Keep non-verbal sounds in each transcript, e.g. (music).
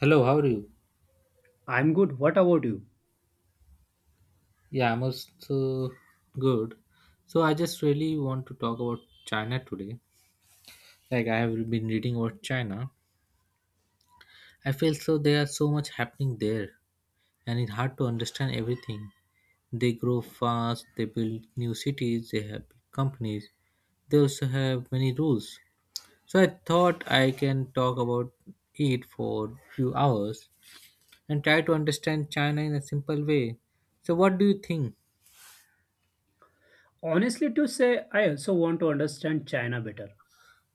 Hello, how are you? I'm good. What about you? Yeah, I'm also good. So I just really want to talk about China today. Like I have been reading about China. I feel so there are so much happening there and it's hard to understand everything. They grow fast, they build new cities, they have big companies. They also have many rules. So I thought I can talk about it for few hours and try to understand China in a simple way. So what do you think? Honestly, to say, I also want to understand China better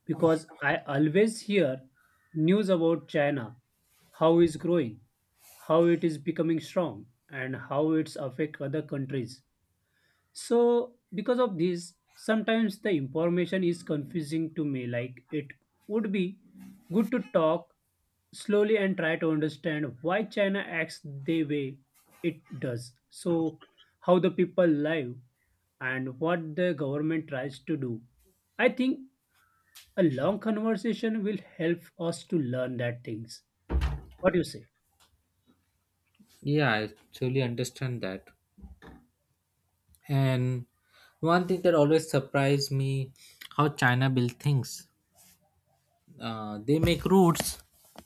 because I always hear news about China, how it's growing, how it is becoming strong, and how it's affect other countries. So, because of this, sometimes the information is confusing to me. Like, it would be good to talk slowly and try to understand why China acts the way it does. So, how the people live and what the government tries to do. I think a long conversation will help us to learn that things. What do you say? Yeah, I totally understand that. And one thing that always surprised me how China builds things. They make roads,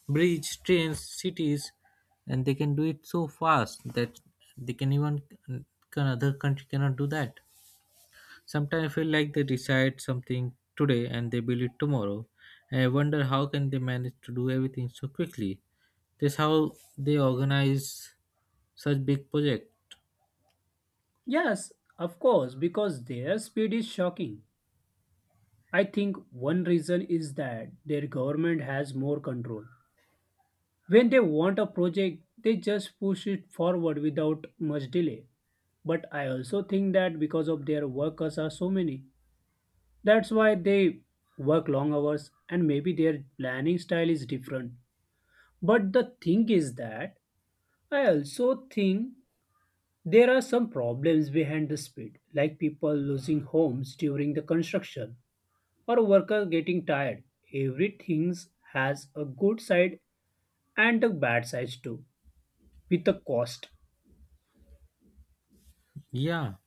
bridge, trains, cities, and they can do it so fast that they can even can other country cannot do that. Sometimes I feel like they decide something today and they build it tomorrow. And I wonder how can they manage to do everything so quickly. That's how they organize such big project. Yes, of course, because their speed is shocking. I think one reason is that their government has more control. When they want a project, they just push it forward without much delay. But I also think that because of their workers are so many, that's why they work long hours and maybe their planning style is different. But the thing is that I also think there are some problems behind the speed, like people losing homes during the construction or worker getting tired. Everything has a good side and a bad side too, with a cost. Yeah.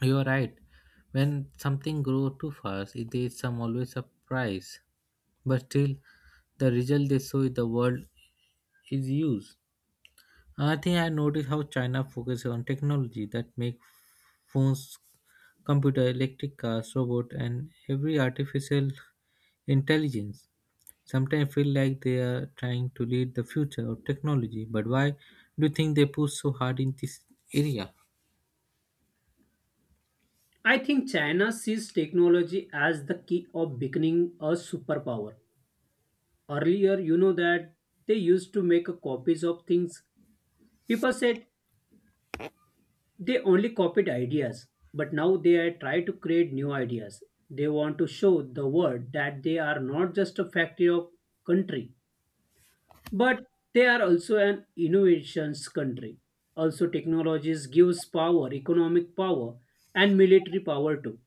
You're right. When something grows too fast, there is some always a price. But still, the result they show in the world is used. I think I noticed how China focuses on technology that make phones, computer, electric cars, robot, and every artificial intelligence. Sometimes I feel like they are trying to lead the future of technology. But why do you think they push so hard in this area? I think China sees technology as the key of becoming a superpower. Earlier, you know that they used to make copies of things. People said they only copied ideas, but now they are trying to create new ideas. They want to show the world that they are not just a factory of country but they are also an innovations country. Also, technologies gives power, economic power, and military power too.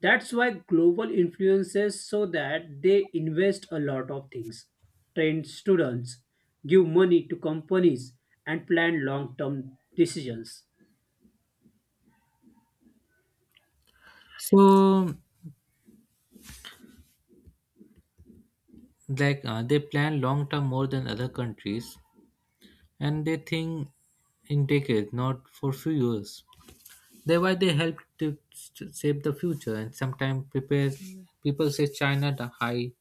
That's why global influences so that they invest a lot of things, train students, give money to companies, and plan long-term decisions. So, like they plan long term more than other countries and they think in decades, not for few years. Thereby, they help to shape the future, and sometimes prepare. People say China the high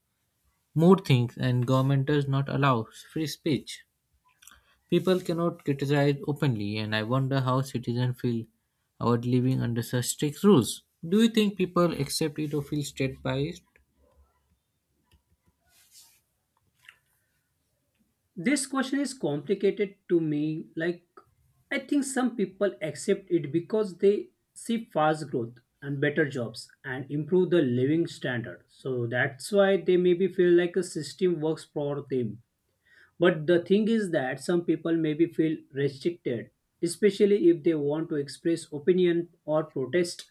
more things, and government does not allow free speech. People cannot criticize openly, and I wonder how citizens feel about living under such strict rules. Do you think people accept it or feel state biased? This question is complicated to me. Like, I think some people accept it because they see fast growth and better jobs and improve the living standard. So that's why they maybe feel like a system works for them. But the thing is that some people maybe feel restricted, especially if they want to express opinion or protest.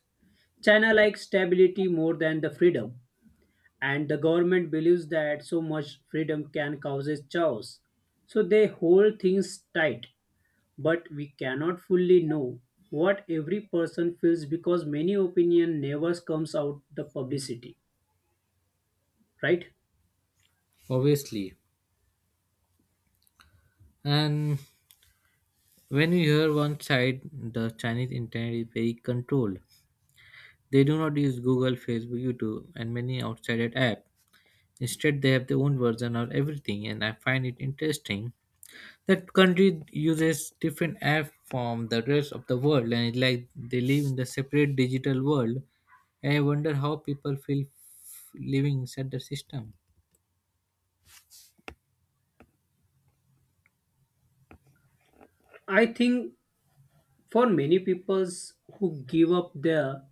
China likes stability more than the freedom and the government believes that so much freedom can causes chaos. So they hold things tight, but we cannot fully know what every person feels because many opinion never comes out the publicity, right? Obviously, and when you hear one side, the Chinese internet is very controlled. They do not use Google, Facebook, YouTube, and many outside apps. Instead, they have their own version of everything, and I find it interesting that country uses different app from the rest of the world, and it's like they live in the separate digital world. And I wonder how people feel living inside the system. I think for many peoples who give up there,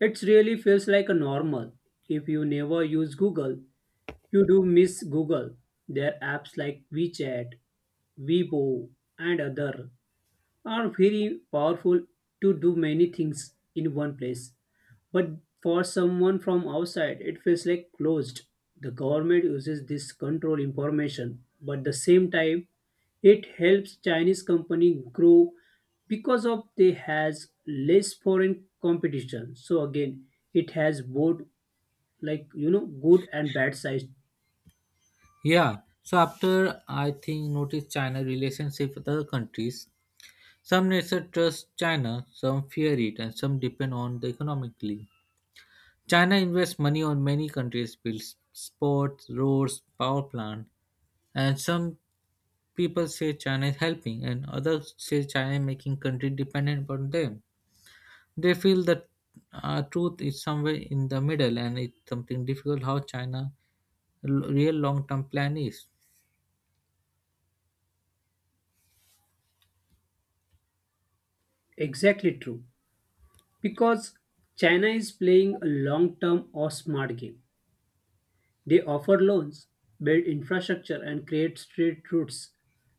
it really feels like a normal. If you never use Google, you do miss Google. Their apps like WeChat, Weibo, and other are very powerful to do many things in one place. But for someone from outside, it feels like closed. The government uses this control information, but the same time, it helps Chinese company grow because of they has less foreign competition. So again, it has both, good and bad sides. Yeah. So after I think notice China relationship with other countries. Some nations trust China, some fear it, and some depend on the economically. China invests money on many countries, builds sports, roads, power plant, and some people say China is helping, and others say China is making country dependent on them. They feel that truth is somewhere in the middle, and it's something difficult how China real long term plan is. Exactly true because China is playing a long term or smart game. They offer loans, build infrastructure, and create trade routes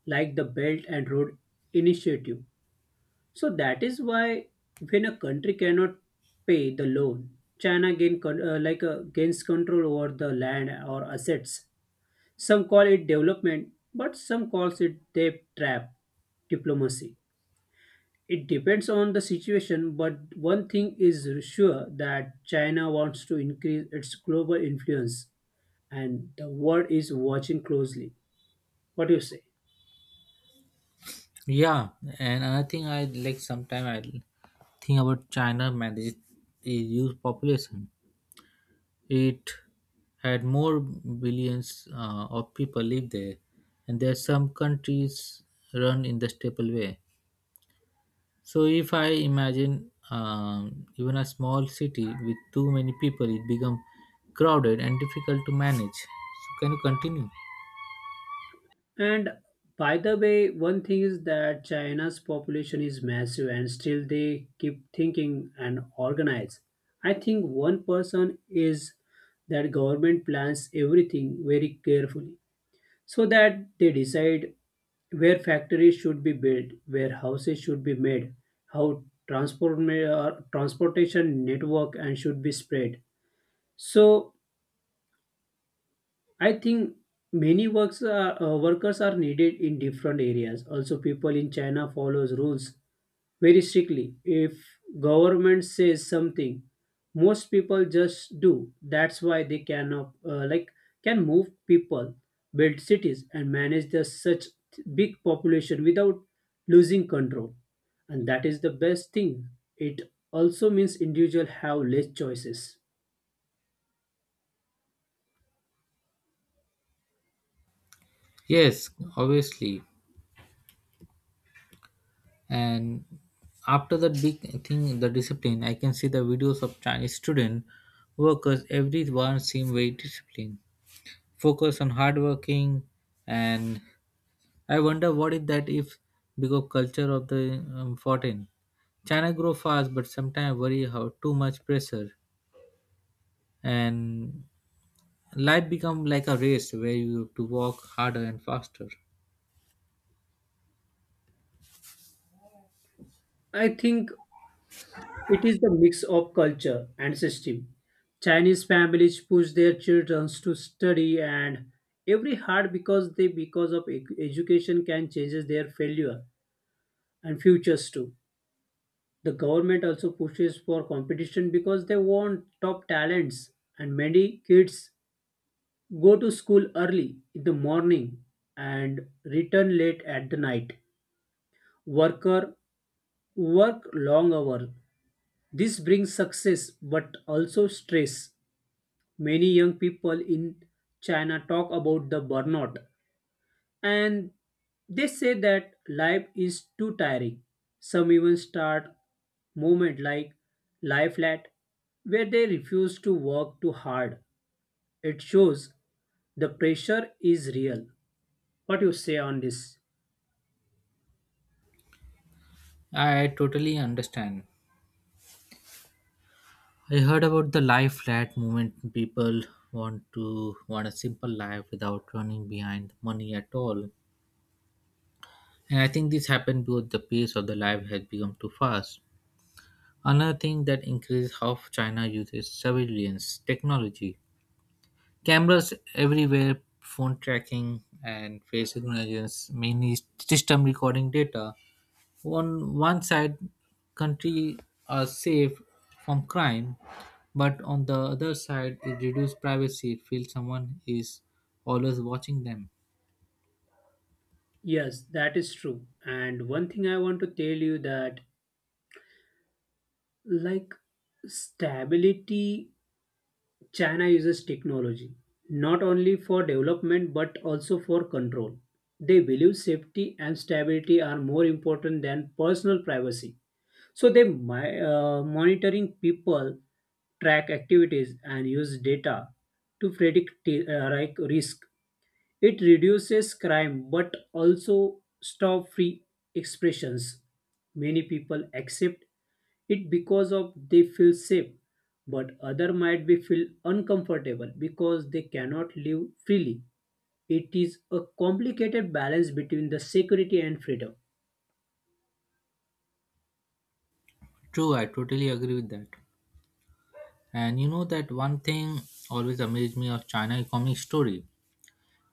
like the Belt and Road Initiative. So that is why when a country cannot pay the loan, China gains control over the land or assets. Some call it development, but some calls it debt trap diplomacy. It depends on the situation, but one thing is sure that China wants to increase its global influence and the world is watching closely. What do you say? Yeah, and another thing I like sometimes I think about China manage is youth population. It had more billions of people live there, and there are some countries run in the staple way. So if I imagine even a small city with too many people, it become crowded and difficult to manage. So can you continue? And by the way, one thing is that China's population is massive and still they keep thinking and organize. I think one person is that government plans everything very carefully so that they decide where factories should be built, where houses should be made, how transportation network and should be spread. So I think many workers are needed in different areas. Also, people in China follows rules very strictly. If government says something, most people just do. That's why they cannot, can move people, build cities, and manage the such big population without losing control. And that is the best thing. It also means individual have less choices. Yes, obviously. And after that big thing, the discipline, I can see the videos of Chinese student workers. Everyone seem very disciplined, focus on hard working and I wonder what is that if because culture of the foreign China grow fast but sometimes worry how too much pressure and life become like a race where you have to walk harder and faster. I think it is the mix of culture and system. Chinese families push their children to study and every hard because they because of ec- education can changes their failure and futures too. The government also pushes for competition because they want top talents and many kids go to school early in the morning and return late at the night. Worker work long hours. This brings success but also stress. Many young people in China talk about the burnout and they say that life is too tiring. Some even start movement like life flat where they refuse to work too hard. It shows the pressure is real. What you say on this? I totally understand. I heard about the life flat movement people want a simple life without running behind money at all and I think this happened because the pace of the life has become too fast. Another thing that increases how China uses surveillance technology. Cameras everywhere, phone tracking, and face recognitions, mainly system recording data. On one side, country are safe from crime, but on the other side, it reduces privacy. Feel someone is always watching them. Yes, that is true. And one thing I want to tell you that like stability, China uses technology not only for development but also for control. They believe safety and stability are more important than personal privacy. So they monitoring people, track activities, and use data to predict risk. It reduces crime but also stop free expressions. Many people accept it because of they feel safe, but other might be feel uncomfortable because they cannot live freely. It is a complicated balance between the security and freedom. True, I totally agree with that. And you know that one thing always amazed me of China economic story.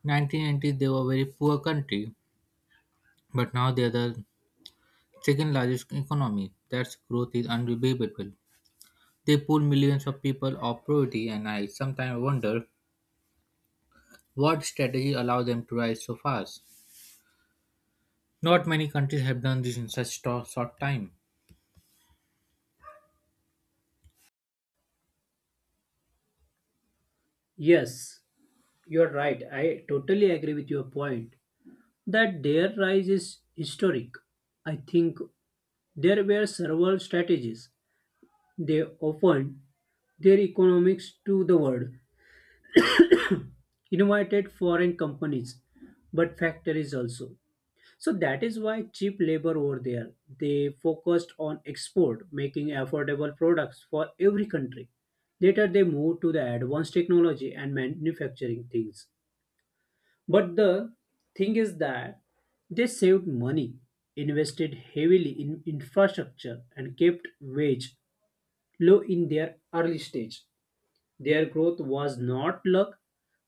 1990s they were a very poor country, but now they are the second largest economy. That's growth is unbelievable. They pull millions of people off poverty, and I sometimes wonder what strategy allowed them to rise so fast. Not many countries have done this in such short time. Yes, you're right. I totally agree with your point that their rise is historic. I think there were several strategies. They often their economics to the world, invited foreign companies, but factories also. So that is why cheap labor over there. They focused on export, making affordable products for every country. Later they moved to the advanced technology and manufacturing things. But the thing is that they saved money, invested heavily in infrastructure and kept wage low in their early stage. Their growth was not luck,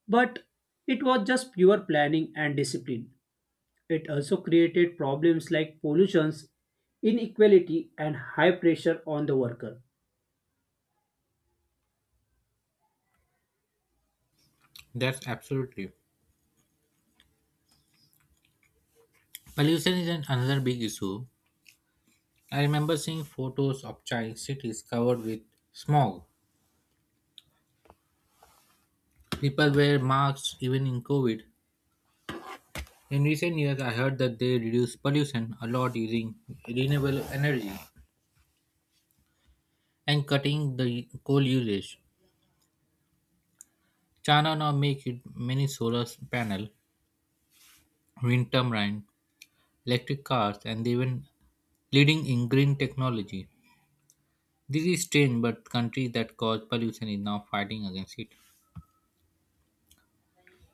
but it was just pure planning and discipline. It also created problems like pollutions, inequality, and high pressure on the worker. That's absolutely. Pollution is another big issue. I remember seeing photos of Chinese cities covered with smog. People wear masks even in COVID. In recent years, I heard that they reduce pollution a lot using renewable energy and cutting the coal usage. China now makes many solar panel, wind turbine, electric cars, and even leading in green technology. This is strange, but countries that cause pollution is now fighting against it.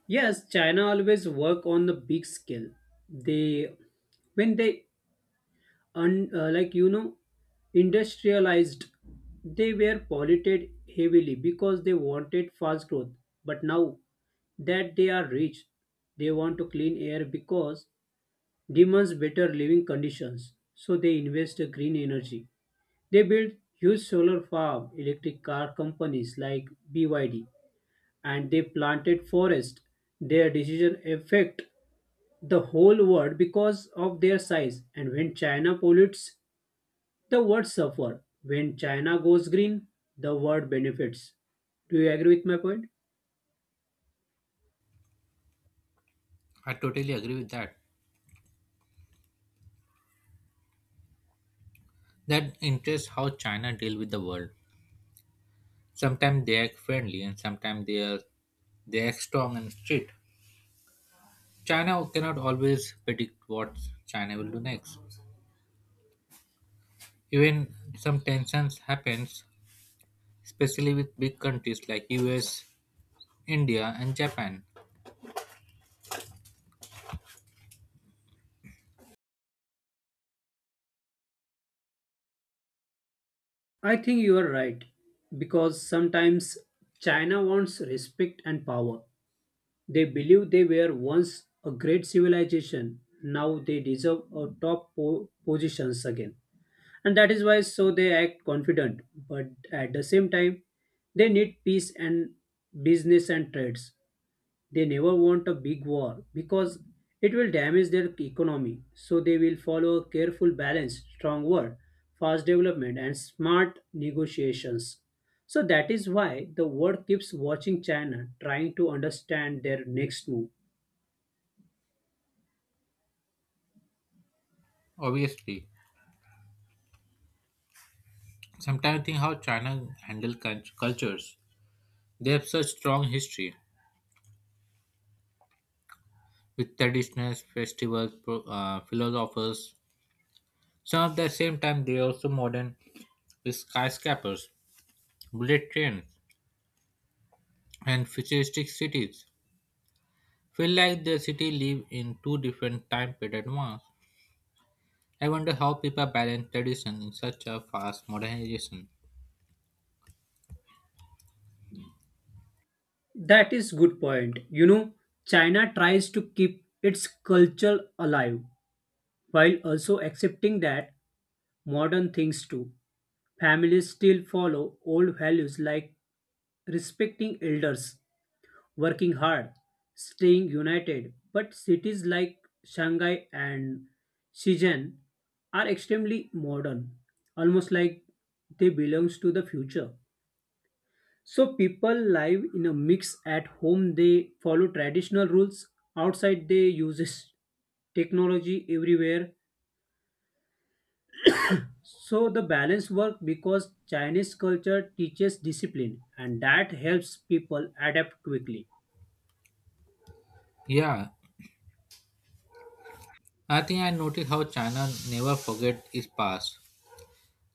Yes, China always work on the big scale. They, when they, un, like you know, Industrialized, they were polluted heavily because they wanted fast growth. But now that they are rich, they want to clean air because demands better living conditions, so they invest in green energy. They build huge solar farm, electric car companies like BYD, and they planted forest. Their decision affect the whole world because of their size. And when China pollutes, the world suffer. When China goes green, the world benefits. Do you agree with my point? I totally agree with that. That interests how China deal with the world. Sometimes they act friendly, and sometimes they act strong and strict. China cannot always predict what China will do next. Even some tensions happens, especially with big countries like US, India, and Japan. I think you are right because sometimes China wants respect and power. They believe they were once a great civilization. Now they deserve a top positions again. And that is why so they act confident. But at the same time, they need peace and business and trades. They never want a big war because it will damage their economy. So they will follow a careful balance, strong word, fast development and smart negotiations. So that is why the world keeps watching China, trying to understand their next move. Obviously, sometimes I think how China handle cultures. They have such strong history with traditions, festivals, philosophers. Some at the same time they are also modern with skyscrapers, bullet trains, and futuristic cities. Feel like the city live in two different time period at once. I wonder how people balance tradition in such a fast modernization. That is good point. You know, China tries to keep its culture alive while also accepting that modern things too. Families still follow old values like respecting elders, working hard, staying united. But cities like Shanghai and Shenzhen are extremely modern, almost like they belong to the future. So people live in a mix. At home they follow traditional rules, outside they uses technology everywhere. So the balance work because Chinese culture teaches discipline and that helps people adapt quickly. Yeah, I think I noticed how China never forget its past.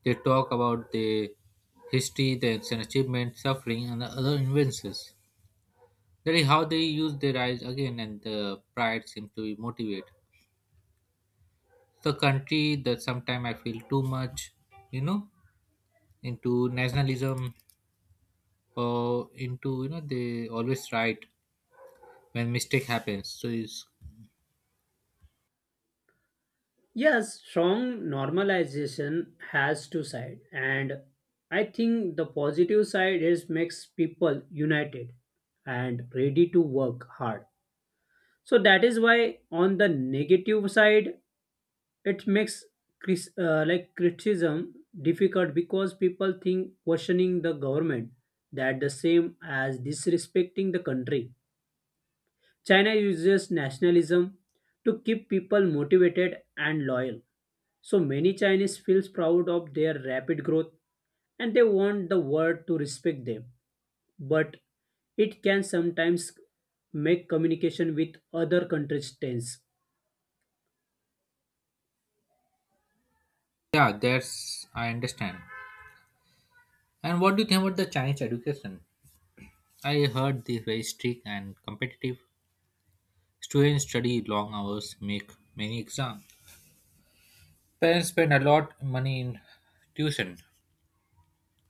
They talk about the history, the ancient achievements, suffering, and the other inventions. That is how they use their eyes again, and the pride seems to motivate the country. That sometimes I feel too much, you know, into nationalism or into they always right when mistake happens. So it's Yes, strong normalization has two sides. And I think the positive side is makes people united and ready to work hard. So that is why on the negative side, it makes criticism difficult because people think questioning the government that the same as disrespecting the country. China uses nationalism to keep people motivated and loyal. So many Chinese feels proud of their rapid growth and they want the world to respect them. But it can sometimes make communication with other countries tense. yeah, that's I understand. And what do you think about the Chinese education? I heard they very strict and competitive. Students study long hours, make many exams. Parents spend a lot money in tuition.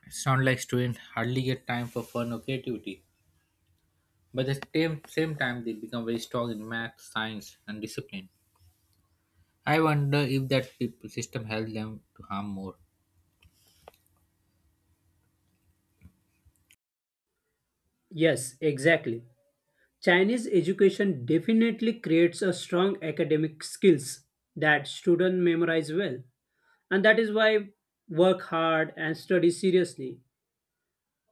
Sound like students hardly get time for fun or creativity. But at the same time, they become very strong in math, science, and discipline. I wonder if that system helps them to harm more. Yes, exactly. Chinese education definitely creates a strong academic skills that students memorize well, and that is why work hard and study seriously.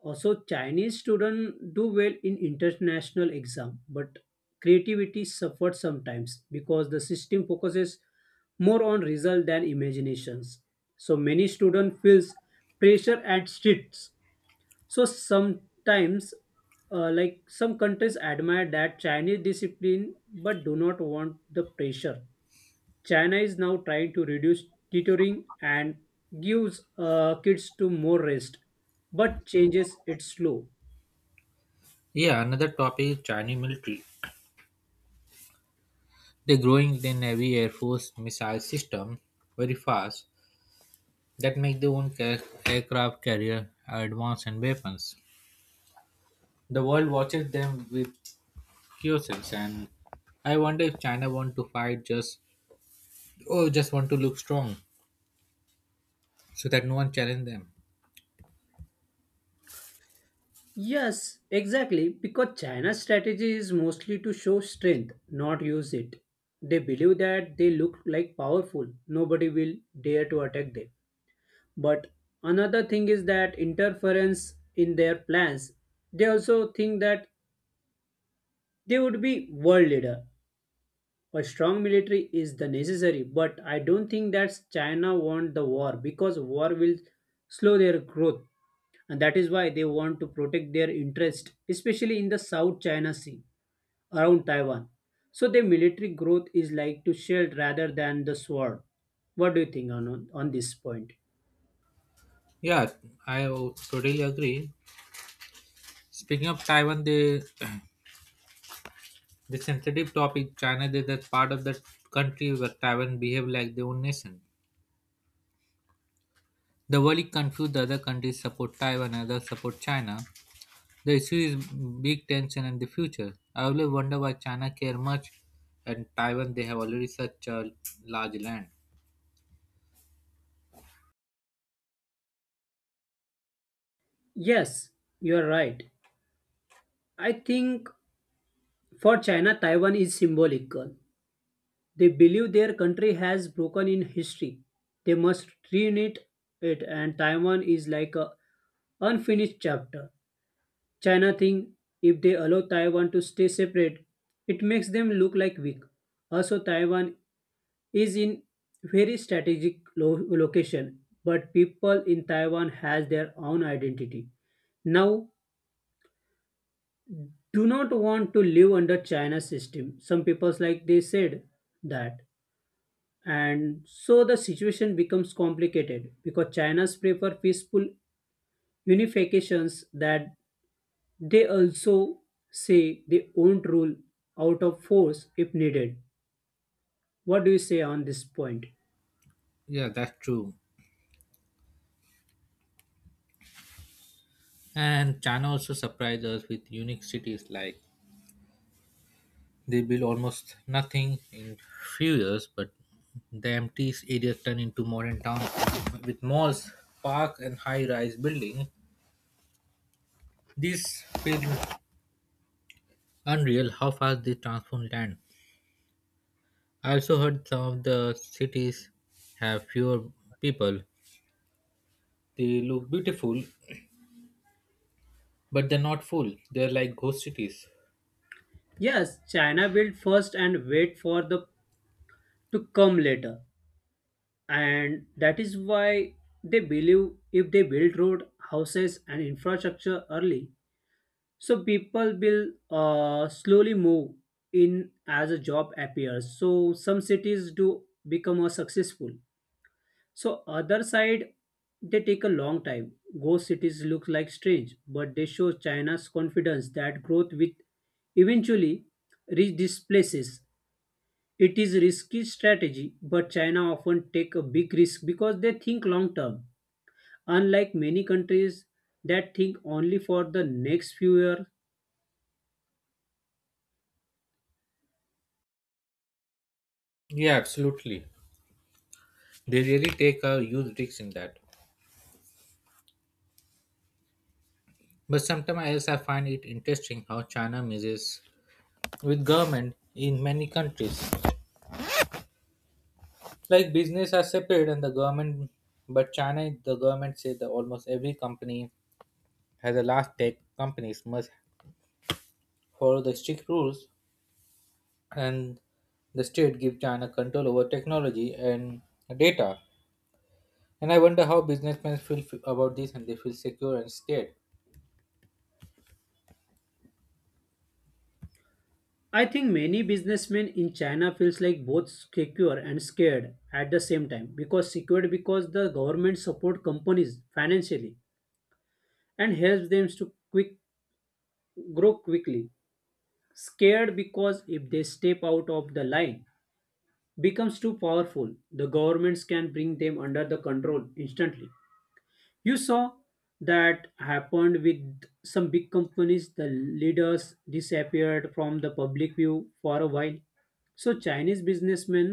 Also, Chinese students do well in international exam, but creativity suffers sometimes because the system focuses more on result than imaginations. So many students feels pressure and stress. So sometimes, some countries admire that Chinese discipline but do not want the pressure. China is now trying to reduce tutoring and gives kids to more rest, but changes it slow. Yeah, another topic is Chinese military. They're growing their navy, air force, missile system very fast. That make their own aircraft carrier advance and weapons. The world watches them with curiosity, and I wonder if China want to fight just or just want to look strong so that no one challenge them. Yes, exactly, because China's strategy is mostly to show strength, not use it. They believe that they look like powerful, nobody will dare to attack them. But another thing is that interference in their plans. They also think that they would be world leader. A strong military is the necessary, but I don't think that China want the war because war will slow their growth, and that is why they want to protect their interest, especially in the South China Sea around Taiwan. So their military growth is like to shield rather than the sword. What do you think on this point? Yeah, I totally agree. Speaking of Taiwan, the (clears throat) the sensitive topic China is that part of the country where Taiwan behave like their own nation. The world is confused. The other countries support Taiwan, others support China. The issue is big tension and the future. I always wonder why China care much and Taiwan they have already such a large land. Yes, you are right. I think for China, Taiwan is symbolical. They believe their country has broken in history. They must reunite it, and Taiwan is like a unfinished chapter. China think if they allow Taiwan to stay separate, it makes them look like weak. Also, Taiwan is in very strategic location, but people in Taiwan has their own identity. Now do not want to live under China's system. Some people's like they said that. And so the situation becomes complicated because China's prefer peaceful unifications that they also say they won't rule out of force if needed. What do you say on this point? Yeah, that's true. And China also surprised us with unique cities like they build almost nothing in few years, but the empty areas turn into modern towns with malls, park and high-rise buildings. This feels unreal how fast they transform land. I also heard some of the cities have fewer people. They look beautiful, but they're not full. They're like ghost cities. Yes, China built first and wait for the to come later. And that is why they believe if they build road, houses and infrastructure early, so people will slowly move in as a job appears, so some cities do become more successful. So other side they take a long time. Ghost cities look like strange, but they show China's confidence that growth will eventually reach these places. It is risky strategy, but China often take a big risk because they think long term, unlike many countries that think only for the next few years. Yeah, absolutely. They really take a huge risk in that. But sometimes else, I find it interesting how China messes with government in many countries. Like business are separate and the government, but China, the government say that almost every company has a large tech companies must follow the strict rules and the state give China control over technology and data. And I wonder how businessmen feel about this and they feel secure and scared. I think many businessmen in China feels like both secure and scared at the same time, because secured because the government support companies financially and helps them to quick grow quickly. Scared because if they step out of the line, becomes too powerful, the governments can bring them under the control instantly. You saw that happened with some big companies, the leaders disappeared from the public view for a while. So Chinese businessmen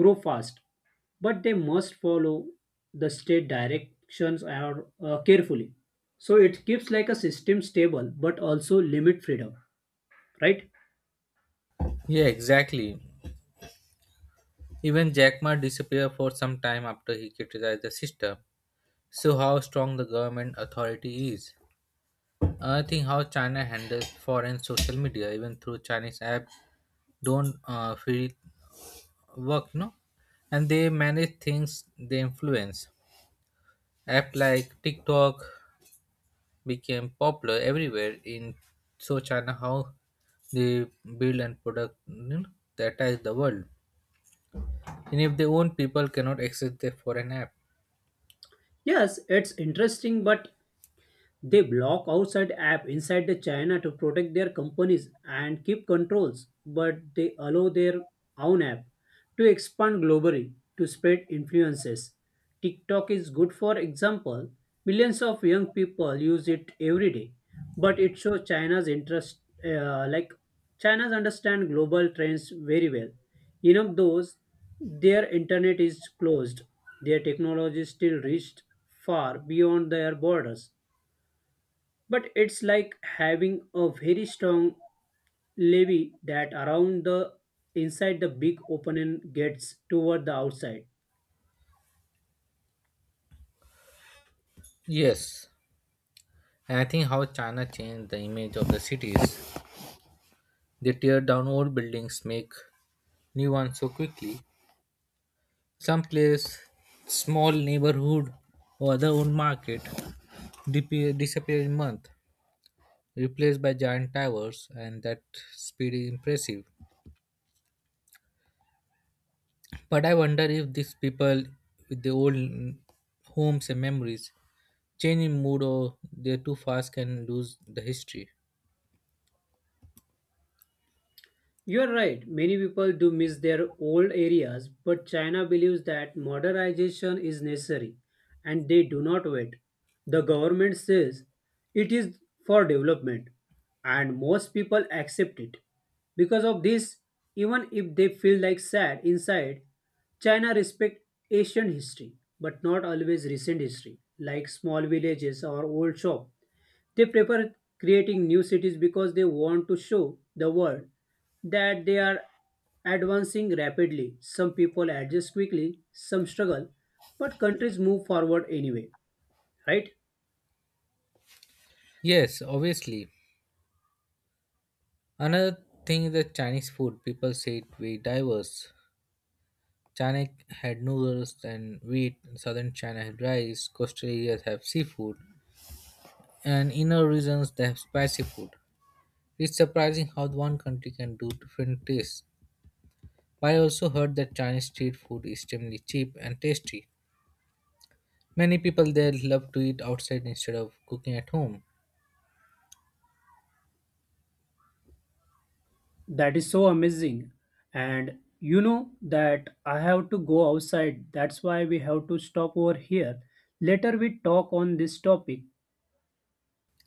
grow fast, but they must follow the state directions are, carefully. So it keeps like a system stable, but also limit freedom, right? Yeah, exactly. Even Jack Ma disappeared for some time after he criticized the system. So how strong the government authority is. I think how China handles foreign social media, even through Chinese app, don't feel work, no, and they manage things they influence. App like TikTok became popular everywhere in so China how they build and product that ties the world. And if their own people cannot access the foreign app. Yes, it's interesting, but they block outside app inside the China to protect their companies and keep controls, but they allow their own app to expand globally to spread influences. TikTok is good for example. Millions of young people use it every day, but it shows China's interest, like China's understand global trends very well. Enough those, their internet is closed. Their technology still reached far beyond their borders. But it's like having a very strong levy that around the inside the big opening gets toward the outside. Yes. And I think how China changed the image of the cities. They tear down old buildings, make new ones so quickly. Some place, small neighborhood or other old market disappear in month, replaced by giant towers and that speed is impressive. But I wonder if these people with the old homes and memories change in mood or they're too fast can lose the history. You're right, many people do miss their old areas, but China believes that modernization is necessary and they do not wait. The government says it is for development, and most people accept it. Because of this, even if they feel like sad inside, China respects ancient history, but not always recent history, like small villages or old shops. They prefer creating new cities because they want to show the world that they are advancing rapidly. Some people adjust quickly, some struggle, but countries move forward anyway, right? Yes, obviously. Another thing is the Chinese food. People say it very diverse. China had noodles and wheat, southern China had rice, coastal areas have seafood, and inner regions they have spicy food. It's surprising how one country can do different tastes. But I also heard that Chinese street food is extremely cheap and tasty. Many people there love to eat outside instead of cooking at home. That is so amazing. And you know that I have to go outside. That's why we have to stop over here. Later we talk on this topic.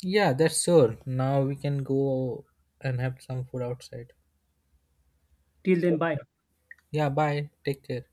Yeah, that's sure. Now we can go and have some food outside. Till then, bye. Okay. Yeah, bye. Take care.